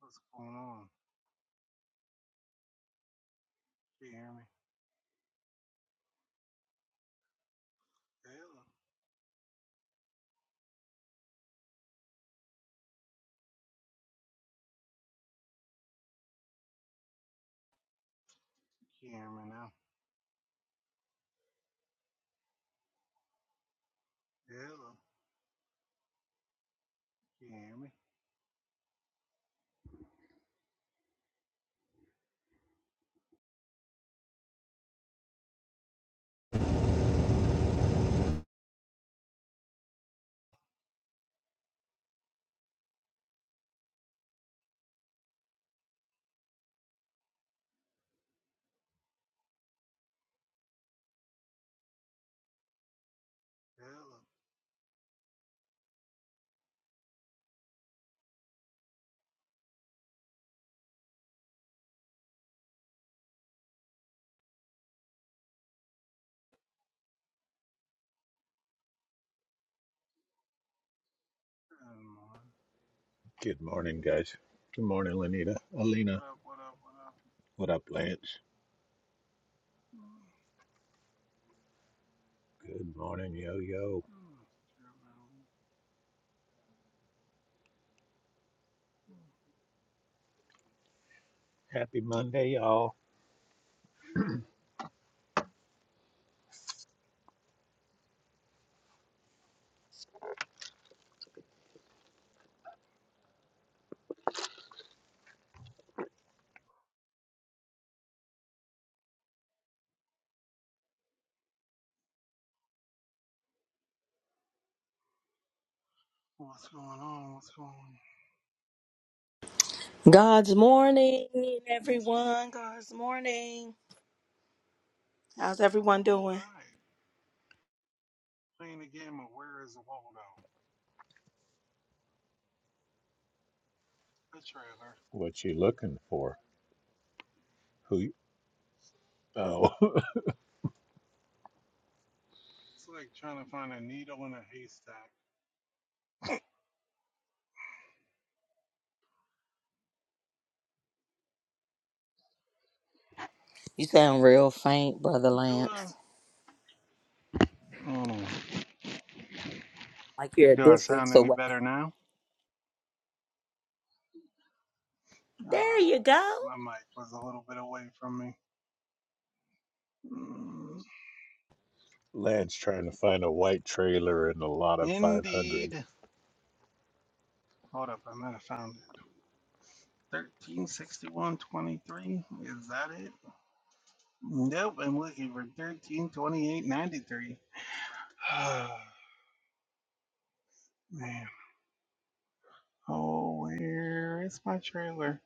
What's going on? Can you hear me? Hello. Can you hear me now? Hello. Can you hear me? Hello. Good morning. Good morning, guys. Good morning, Lenita. Alina. What up, what up, what up? What up, Lance? Mm, Good morning, yo yo. mm, Mm. Happy Monday, y'all. What's going on? What's going on? God's morning, everyone. God's morning. How's everyone All doing? right. Playing the game of Where is Waldo? A trailer. What you looking for? Who? You, oh, It's like trying to find a needle in a haystack. You sound real faint, Brother Do Lance. I? Hold Like you're a Do I sound distance any away. better now? There Ah, you go. yeah. My mic was a little bit away from me. Mm. Lance trying to find a white trailer in a lot of 500. Indeed. Hold up, I might have found it. Thirteen sixty one twenty three. Is that it? Nope. I'm looking for thirteen twenty eight ninety three. Man. Oh, where is my trailer?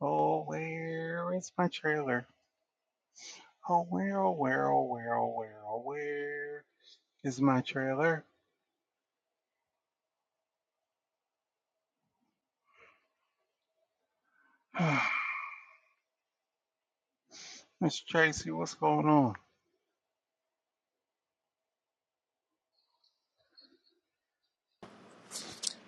Oh, where is my trailer? Oh, where, oh, where, oh, where, oh, where, oh, where is my trailer? Miss Tracy, what's going on?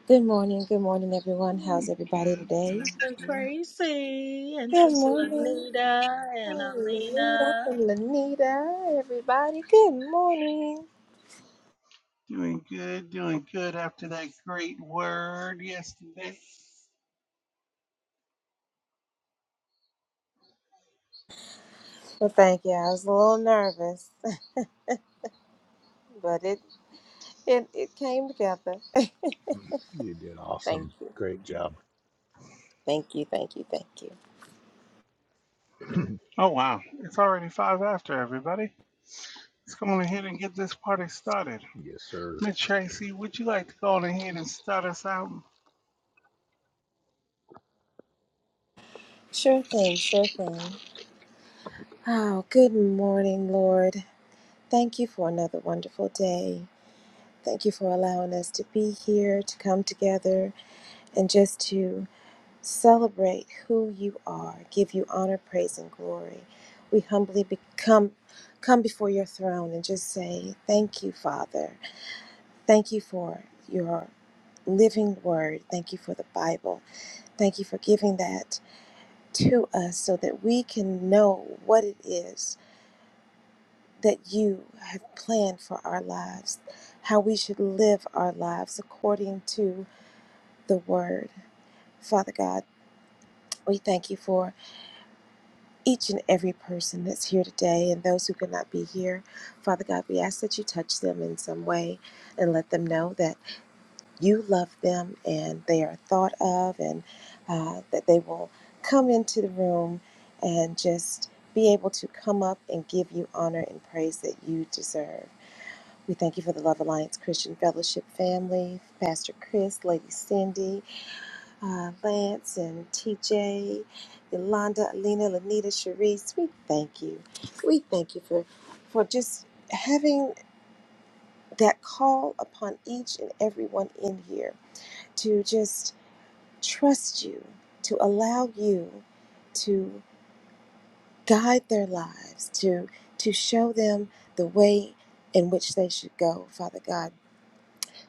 Good morning, good morning, everyone. How's everybody Good, today? good, Sister good. Tracy and Good Sister morning, Lanita Hey, and Lanita, Alina. and Lanita, everybody. Good morning. Doing good, doing good after that great word yesterday. Well, thank you. I was a little nervous, but it it, it came together. You did thank awesome. you, Great job. thank you, thank you, thank you. Oh wow, it's already five after everybody. Let's go on ahead and get this party started. Yes, sir. Miss Tracy, would you like to go on ahead and start us out? Sure thing, sure thing. Oh, good morning, Lord. Thank you for another wonderful day. Thank you for allowing us to be here, to come together, and just to Celebrate who you are. Give you honor, praise, and glory. We humbly become come before your throne and just say, Thank you, Father. Thank you for your living word. Thank you for the Bible. Thank you for giving that to us so that we can know what it is that you have planned for our lives, how we should live our lives according to the word. Father God, we thank you for. each and every person that's here today and those who could not be here. Father God, we ask that you touch them in some way and let them know that you love them and they are thought of and uh, that they will come into the room and just be able to come up and give you honor and praise that you deserve. We thank you for the Love Alliance Christian Fellowship family, Pastor Chris, Lady Cindy, uh, Lance and TJ, Yolanda, Alina, Lanita, Sharice, we thank you. We thank you for for just having that call upon each and everyone in here to just trust you, to allow you to guide their lives, to to show them the way in which they should go, Father God.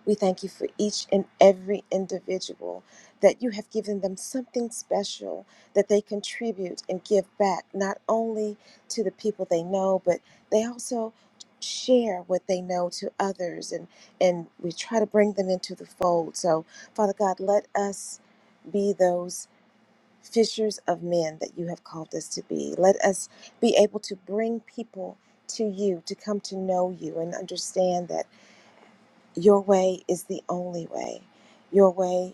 We thank you for each and every individual that you have given them something special that they contribute and give back, not only to the people they know, but they also share what they know to others and and we try to bring them into the fold. So, Father God, let us be those fishers of men that you have called us to be. Let us be able to bring people to you to come to know you and understand that your way is the only way. Your way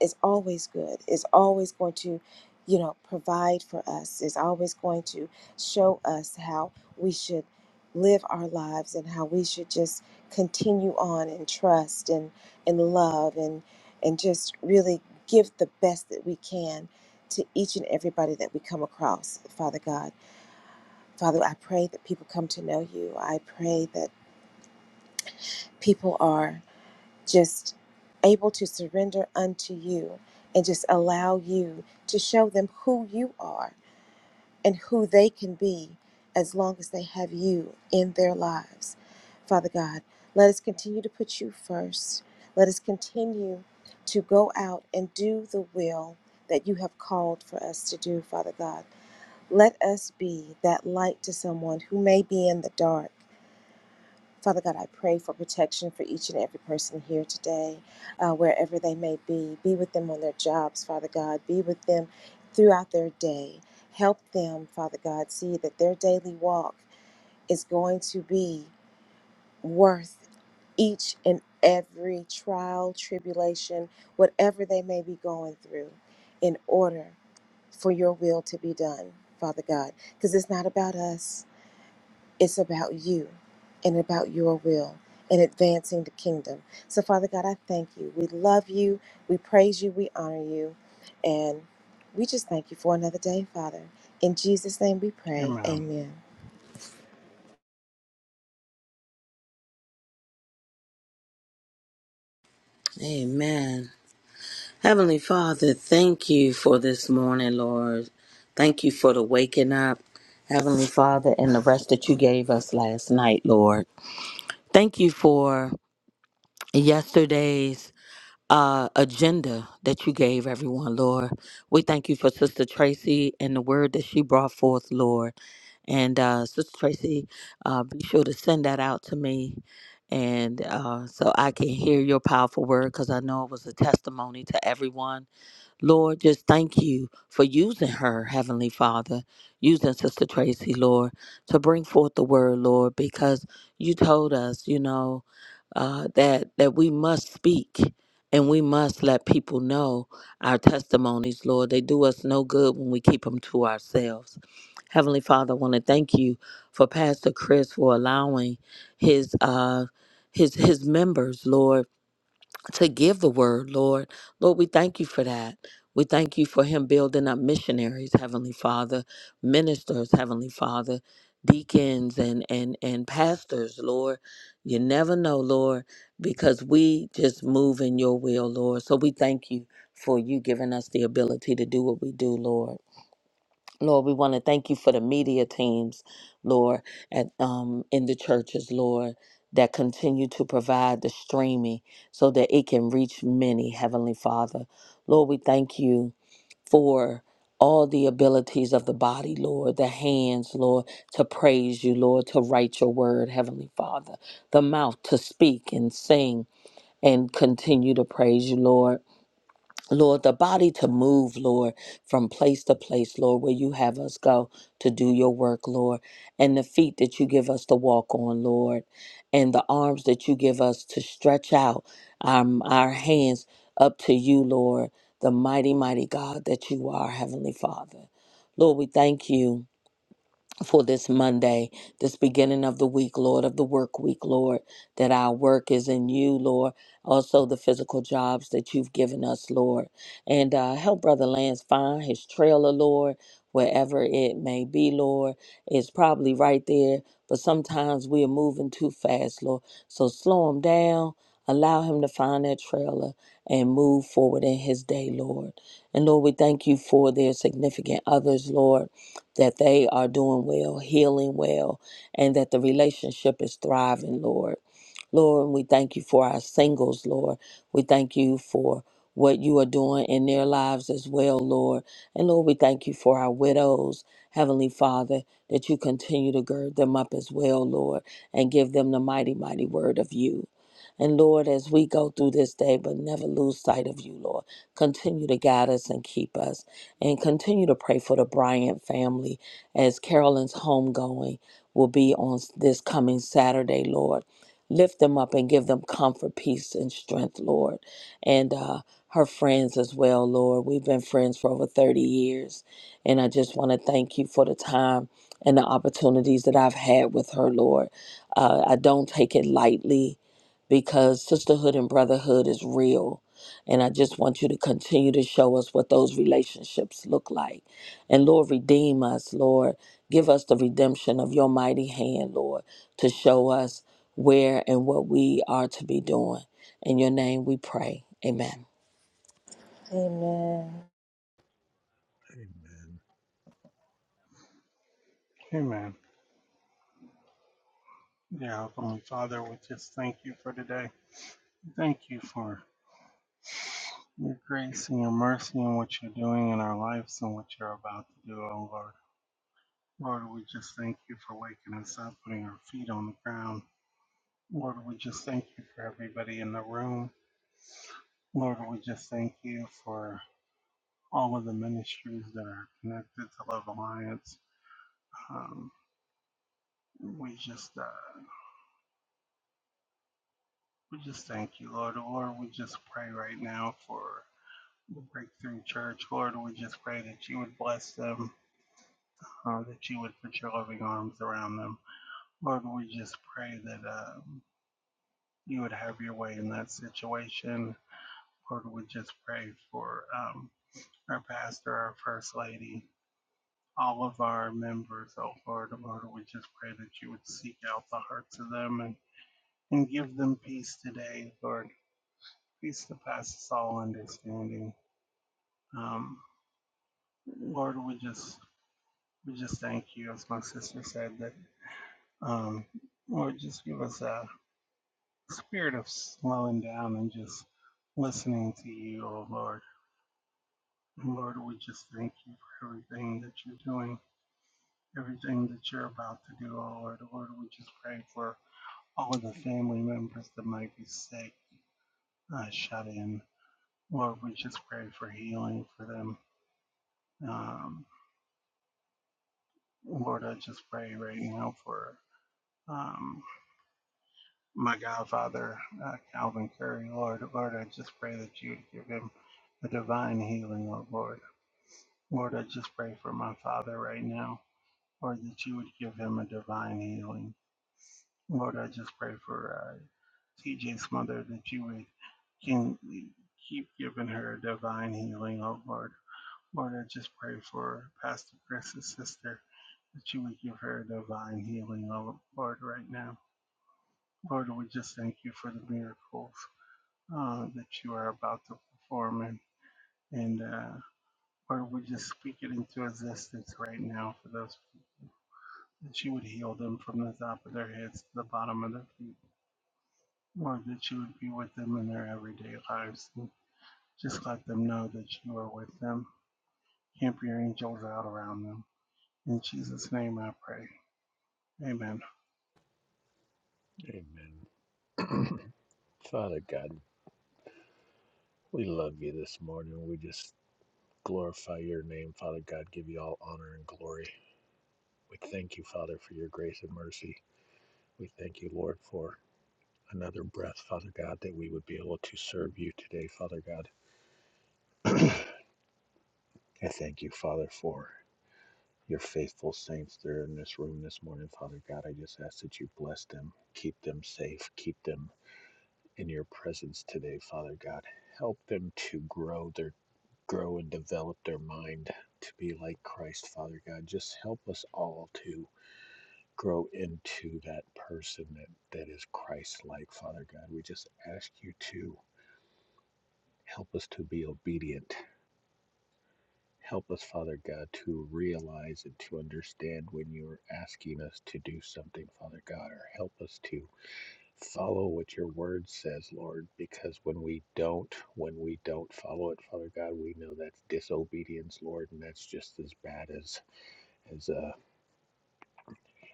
is always good, is always going to, you know, provide for us, is always going to show us how we should live our lives and how we should just continue on and trust and and love and and just really give the best that we can to each and everybody that we come across, Father God. Father, I pray that people come to know you. I pray that people are just able to surrender unto you and just allow you to show them who you are and who they can be as long as they have you in their lives. Father God, let us continue to put you first. Let us continue to go out and do the will that you have called for us to do, Father God. Let us be that light to someone who may be in the dark Father God, I pray for protection for each and every person here today, uh, wherever they may be. Be with them on their jobs, Father God. Be with them throughout their day. Help them, Father God, see that their daily walk is going to be worth each and every trial, tribulation, whatever they may be going through, in order for your will to be done, Father God. Because it's not about us. It's about you and about your will and advancing the kingdom. So, Father God, I thank you. We love you. We praise you. We honor you. And we just thank you for another day, Father. In Jesus' name we pray. Amen. Amen. Amen. Heavenly Father, thank you for this morning, Lord. Thank you for the waking up, Heavenly Father, and the rest that you gave us last night, Lord. Thank you for yesterday's. uh, agenda that you gave everyone, Lord. We thank you for Sister Tracy and the word that she brought forth, Lord. And uh, Sister Tracy, uh, be sure to send that out to me. And uh, so I can hear your powerful word because I know it was a testimony to everyone Lord, just thank you for using her, Heavenly Father, using Sister Tracy, Lord, to bring forth the word, Lord, because you told us, you know, uh, that that we must speak and we must let people know our testimonies, Lord. They do us no good when we keep them to ourselves. Heavenly Father, I want to thank you for Pastor Chris for allowing his uh his his members, Lord to give the word, Lord. Lord, we thank you for that. We thank you for him building up missionaries, Heavenly Father, ministers, Heavenly Father, deacons and and and pastors, Lord. You never know, Lord, because we just move in your will, Lord. So we thank you for you giving us the ability to do what we do, Lord. Lord, we want to thank you for the media teams, Lord, at um in the churches, Lord, that continue to provide the streaming so that it can reach many, Heavenly Father. Lord, we thank you for all the abilities of the body, Lord, the hands, Lord, to praise you, Lord, to write your word, Heavenly Father, the mouth to speak and sing and continue to praise you, Lord Lord, the body to move, Lord, from place to place, Lord, where you have us go to do your work, Lord, and the feet that you give us to walk on, Lord, and the arms that you give us to stretch out um, our hands up to you, Lord, the mighty, mighty God that you are, Heavenly Father. Lord, we thank you for this Monday, this beginning of the week, Lord, of the work week, Lord, that our work is in you, Lord. Also, the physical jobs that you've given us, Lord. And uh, help Brother Lance find his trailer, Lord, wherever it may be, Lord. It's probably right there, but sometimes we are moving too fast, Lord. So slow him down, allow him to find that trailer and move forward in his day, Lord. And Lord, we thank you for their significant others, Lord that they are doing well, healing well, and that the relationship is thriving, Lord. Lord, we thank you for our singles, Lord. We thank you for what you are doing in their lives as well, Lord. And Lord, we thank you for our widows, Heavenly Father, that you continue to gird them up as well, Lord, and give them the mighty, mighty word of you. And Lord, as we go through this day, but never lose sight of you, Lord, continue to guide us and keep us and continue to pray for the Bryant family as Carolyn's homegoing will be on this coming Saturday, Lord. Lift them up and give them comfort, peace, and strength, Lord. And uh, her friends as well, Lord. We've been friends for over 30 years. And I just want to thank you for the time and the opportunities that I've had with her, Lord. Uh, I don't take it lightly because sisterhood and brotherhood is real. And I just want you to continue to show us what those relationships look like. And Lord, redeem us, Lord. Give us the redemption of your mighty hand, Lord, to show us where and what we are to be doing. In your name we pray. Amen. Amen. Amen. Amen. Dear Heavenly Father, we just thank you for today. Thank you for your grace and your mercy and what you're doing in our lives and what you're about to do, oh Lord. Lord, we just thank you for waking us up, putting our feet on the ground. Lord, we just thank you for everybody in the room. Lord, we just thank you for all of the ministries that are connected to Love Alliance. Um, we just uh, we just thank you, Lord. Lord, we just pray right now for the Breakthrough Church. Lord, we just pray that you would bless them, uh, that you would put your loving arms around them. Lord, we just pray that um, you would have your way in that situation. Lord, we just pray for um, our pastor, our first lady. all of our members, oh Lord, Lord, we just pray that you would seek out the hearts of them and, and give them peace today, Lord. Peace to passes all understanding. Um, Lord, we just we just thank you, as my sister said, that um, Lord, just give us a spirit of slowing down and just listening to you, oh Lord. Lord, we just thank you for everything that you're doing, everything that you're about to do, oh Lord. Lord, we just pray for All of the family members that might be sick, uh, shut in. Lord, we just pray for healing for them. Um, Lord, I just pray right now for um, my godfather, uh, Calvin Curry. Lord, Lord, I just pray that you would give him a divine healing, oh Lord. Lord, I just pray for my father right now. Lord, that you would give him a divine healing. Lord, I just pray for uh, TJ's mother that you would can keep giving her divine healing, oh Lord. Lord, I just pray for Pastor Chris's sister that you would give her divine healing, oh Lord, right now. Lord, we just thank you for the miracles uh, that you are about to perform. And, and uh, Lord, we just speak it into existence right now for those that you would heal them from the top of their heads to the bottom of their feet. Lord, that you would be with them in their everyday lives. And just let them know that you are with them. Camp your angels out around them. In Jesus' name I pray. Amen. Amen. Father God, we love you this morning. We just glorify your name, Father God. Give you all honor and glory. We thank you, Father, for your grace and mercy. We thank you, Lord, for another breath, Father God, that we would be able to serve you today, Father God. I thank you, Father, for your faithful saints that are in this room this morning, Father God. I just ask that you bless them, keep them safe, keep them in your presence today, Father God. Help them to grow their grow and develop their mind to be like Christ, Father God. Just help us all to grow into that person that, that is Christ like, Father God. We just ask you to help us to be obedient Help us, Father God, to realize and to understand when you're asking us to do something, Father God, or help us to follow what your word says, Lord, because when we don't, when we don't follow it, Father God, we know that's disobedience, Lord, and that's just as bad as, as, uh,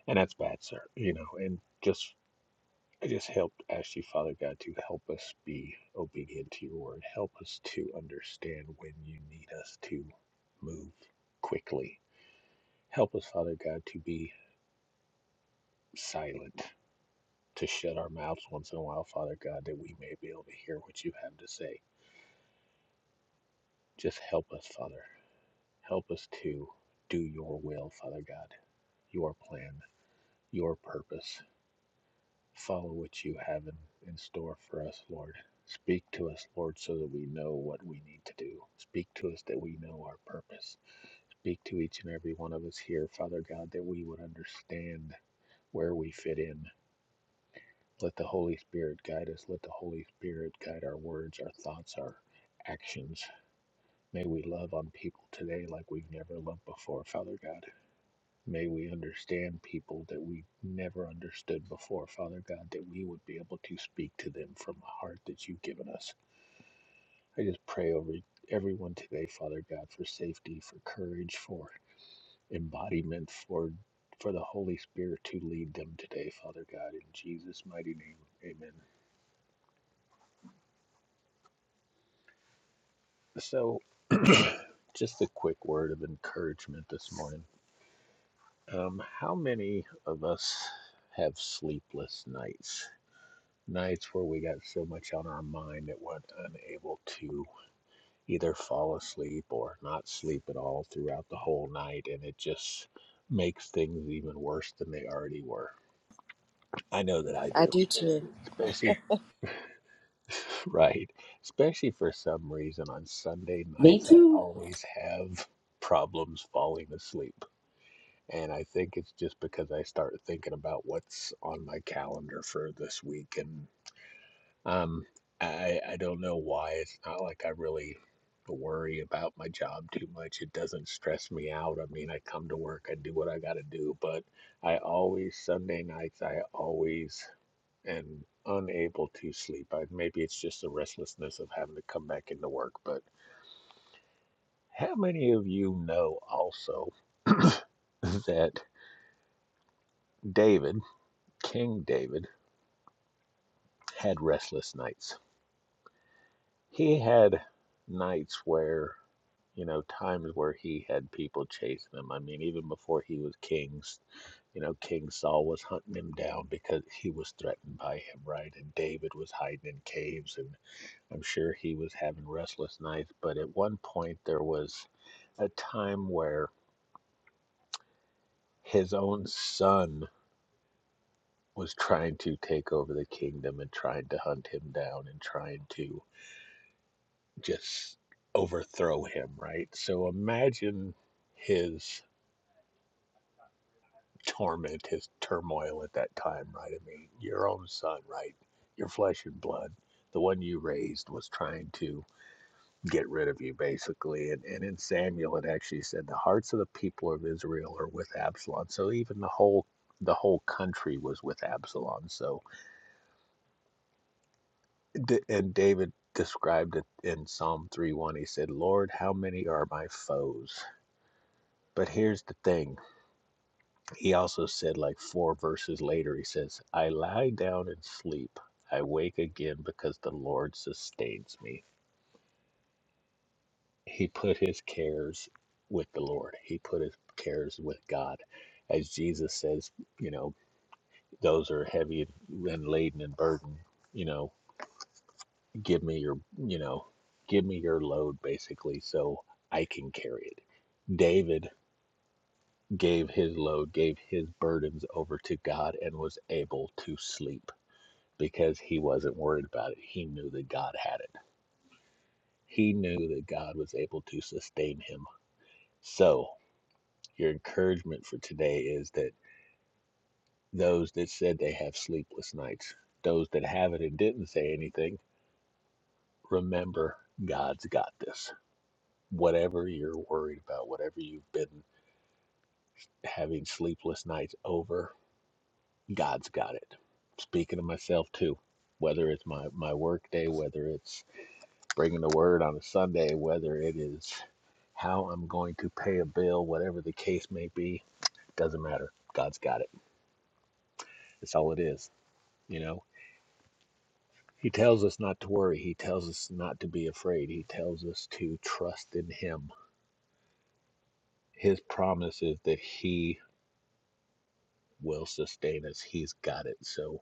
and that's bad, sir, you know, and just, I just help ask you, Father God, to help us be obedient to your word. Help us to understand when you need us to move quickly Help us, Father God, to be silent, to shut our mouths once in a while, Father God, that we may be able to hear what you have to say. Just help us, Father. Help us to do your will, Father God, your plan, your purpose. Follow what you have in, in store for us, Lord. Speak to us, Lord, so that we know what we need to do. Speak to us that we know our purpose. Speak to each and every one of us here, Father God, that we would understand where we fit in, Let the Holy Spirit guide us. Let the Holy Spirit guide our words, our thoughts, our actions. May we love on people today like we've never loved before, Father God. May we understand people that we never understood before, Father God, that we would be able to speak to them from the heart that you've given us. I just pray over everyone today, Father God, for safety, for courage, for embodiment, for for the Holy Spirit to lead them today, Father God, in Jesus' mighty name. Amen. So, just a quick word of encouragement this morning. Um, how many of us have sleepless nights? Nights where we got so much on our mind that we're unable to either fall asleep or not sleep at all throughout the whole night, and it just makes things even worse than they already were. I know that I I do. do too. Especially, right, especially for some reason on Sunday Me nights, I too. always have problems falling asleep And I think it's just because I start thinking about what's on my calendar for this week. And um, I, I don't know why. It's not like I really worry about my job too much. It doesn't stress me out. I mean, I come to work, I do what I got to do, but I always, Sunday nights, I always am unable to sleep. I, maybe it's just the restlessness of having to come back into work, but how many of you know also that David, King David, had restless nights. He had nights where, you know, times where he had people chasing him. I mean, even before he was king, you know, King Saul was hunting him down because he was threatened by him, right? And David was hiding in caves, and I'm sure he was having restless nights. But at one point, there was a time where his own son was trying to take over the kingdom and trying to hunt him down and trying to just overthrow him, right? So imagine his torment, his turmoil at that time, right? I mean, your own son, right? Your flesh and blood, the one you raised was trying to get rid of you, basically. And, and in Samuel, it actually said the hearts of the people of Israel are with Absalom. So even the whole the whole country was with Absalom. So, and David described it in Psalm three one. He said, Lord, how many are my foes? But here's the thing He also said, like four verses later, he says, I lie down and sleep. I wake again because the Lord sustains me. He put his cares with the Lord, he put his cares with God. As Jesus says, you know, those are heavy and laden and burdened, you know, give me your, you know, give me your load basically so I can carry it. David gave his load, gave his burdens over to God, and was able to sleep because he wasn't worried about it. He knew that God had it, he knew that God was able to sustain him. So, your encouragement for today is that those that said they have sleepless nights, those that haven't and didn't say anything, remember God's got this. Whatever you're worried about, whatever you've been having sleepless nights over, God's got it. Speaking of myself too, whether it's my, my work day, whether it's bringing the word on a Sunday, whether it is how I'm going to pay a bill, whatever the case may be, doesn't matter. God's got it. That's all it is. You know, He tells us not to worry, He tells us not to be afraid, He tells us to trust in Him. His promise is that He will sustain us, He's got it. So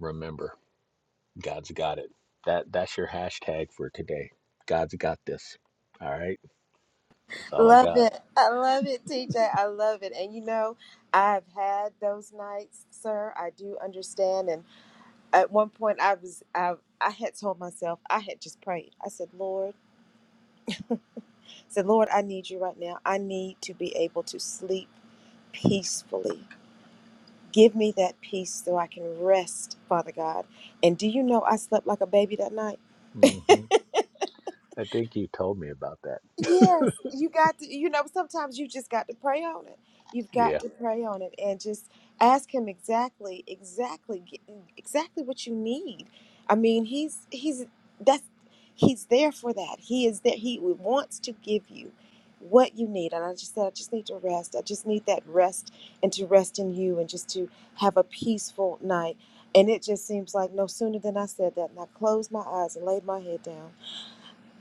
remember, God's got it. That, that's your hashtag for today. God's got this. All right. That's all I Love got. it. I love it, TJ. I love it. And you know, I've had those nights, sir. I do understand. And at one point I was I I had told myself I had just prayed. I said, "Lord, Said, Lord, I need you right now. I need to be able to sleep peacefully. Give me that peace so I can rest, Father God. And do you know I slept like a baby that night? hmm I think you told me about that. Yes, you got to, you know, sometimes you just got to pray on it. You've got Yeah. to pray on it and just ask him exactly, exactly, get- exactly what you need. I mean, he's, he's, that's, he's there for that. He is there. He wants to give you what you need. And I just said, I just need to rest. I just need that rest and to rest in you and just to have a peaceful night. And it just seems like no sooner than I said that and I closed my eyes and laid my head down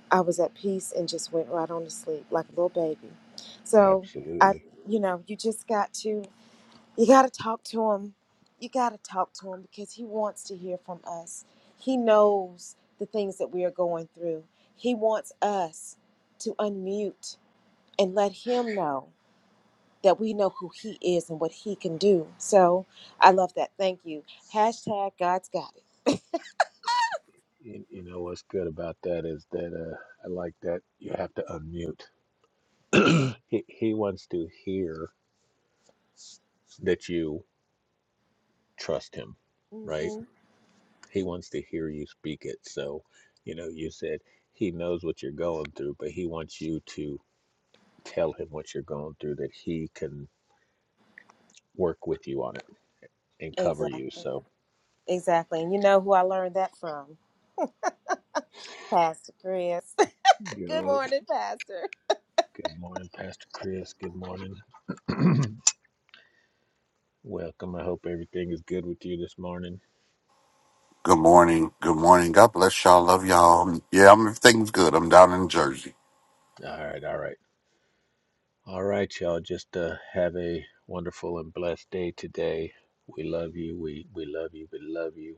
I was at peace and just went right on to sleep like a little baby. So I, Absolutely. you know, you just got to, you got to talk to him. You got to talk to him because he wants to hear from us. He knows the things that we are going through. He wants us to unmute and let him know that we know who he is and what he can do. So I love that. Thank you. Hashtag God's got it. You, you know what's good about that is that uh, I like that you have to unmute. he, he wants to hear that you trust him, right? hmm He wants to hear you speak it. So, you know, you said he knows what you're going through, but he wants you to tell him what you're going through that he can work with you on it and cover you. Exactly. So, Exactly. And you know who I learned that from? Pastor Chris. Good yup. morning, Pastor. Good morning, Pastor Chris. Good morning. Welcome. I hope everything is good with you this morning. Good morning. Good morning. God bless y'all. Love y'all. Yeah, I'm, everything's good. I'm down in Jersey. All right, all right. All right, y'all. Just uh, have a wonderful and blessed day today. We love you. We we love you. We love you.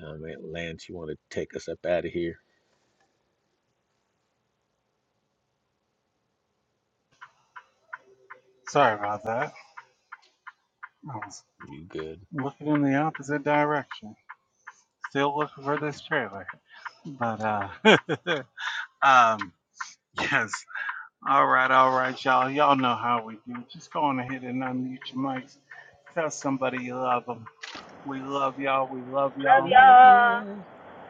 Um, Lance, you want to take us up out of here? Sorry about that. I was You good? looking in the opposite direction. Still looking for this trailer. But, uh, um, yes. All right, all right, y'all. Y'all know how we do. Just go on ahead and unmute your mics. Tell somebody you love them. We love y'all. We love Love y'all. Love y'all. you.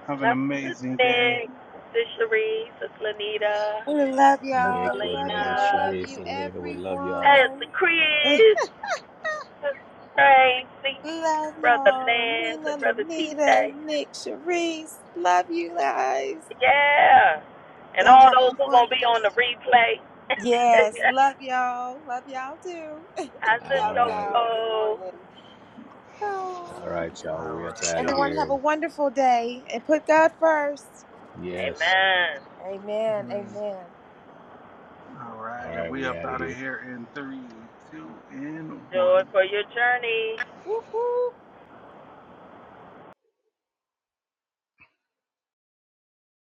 Have an Love Sis amazing day. Nick, Sis Cherie, Sis Lanita, We Love Sis Nick, y'all. Love Lanita, y'all. Alina, Love Sharice, you, Selena, we love y'all. Pastor everyone. Chris. That's crazy. Eh, Love Brother y'all. Lance Nina, and Brother Lanita, TJ. Nick, Sharice. Love you guys. Yeah. And Y'all all have a those who going to be wonderful on the replay. Yes, love y'all. Love y'all too. I said, All your right. Yoko, good cool. morning. Oh. All right, y'all. All We up right, out of y'all. Everyone here. have a And wonderful day and put God first. yes. Amen. All Amen. right. Amen. All All right. And right, we we up out of out here. of here in three, two, and Do one. it for your journey. Whoop, whoop.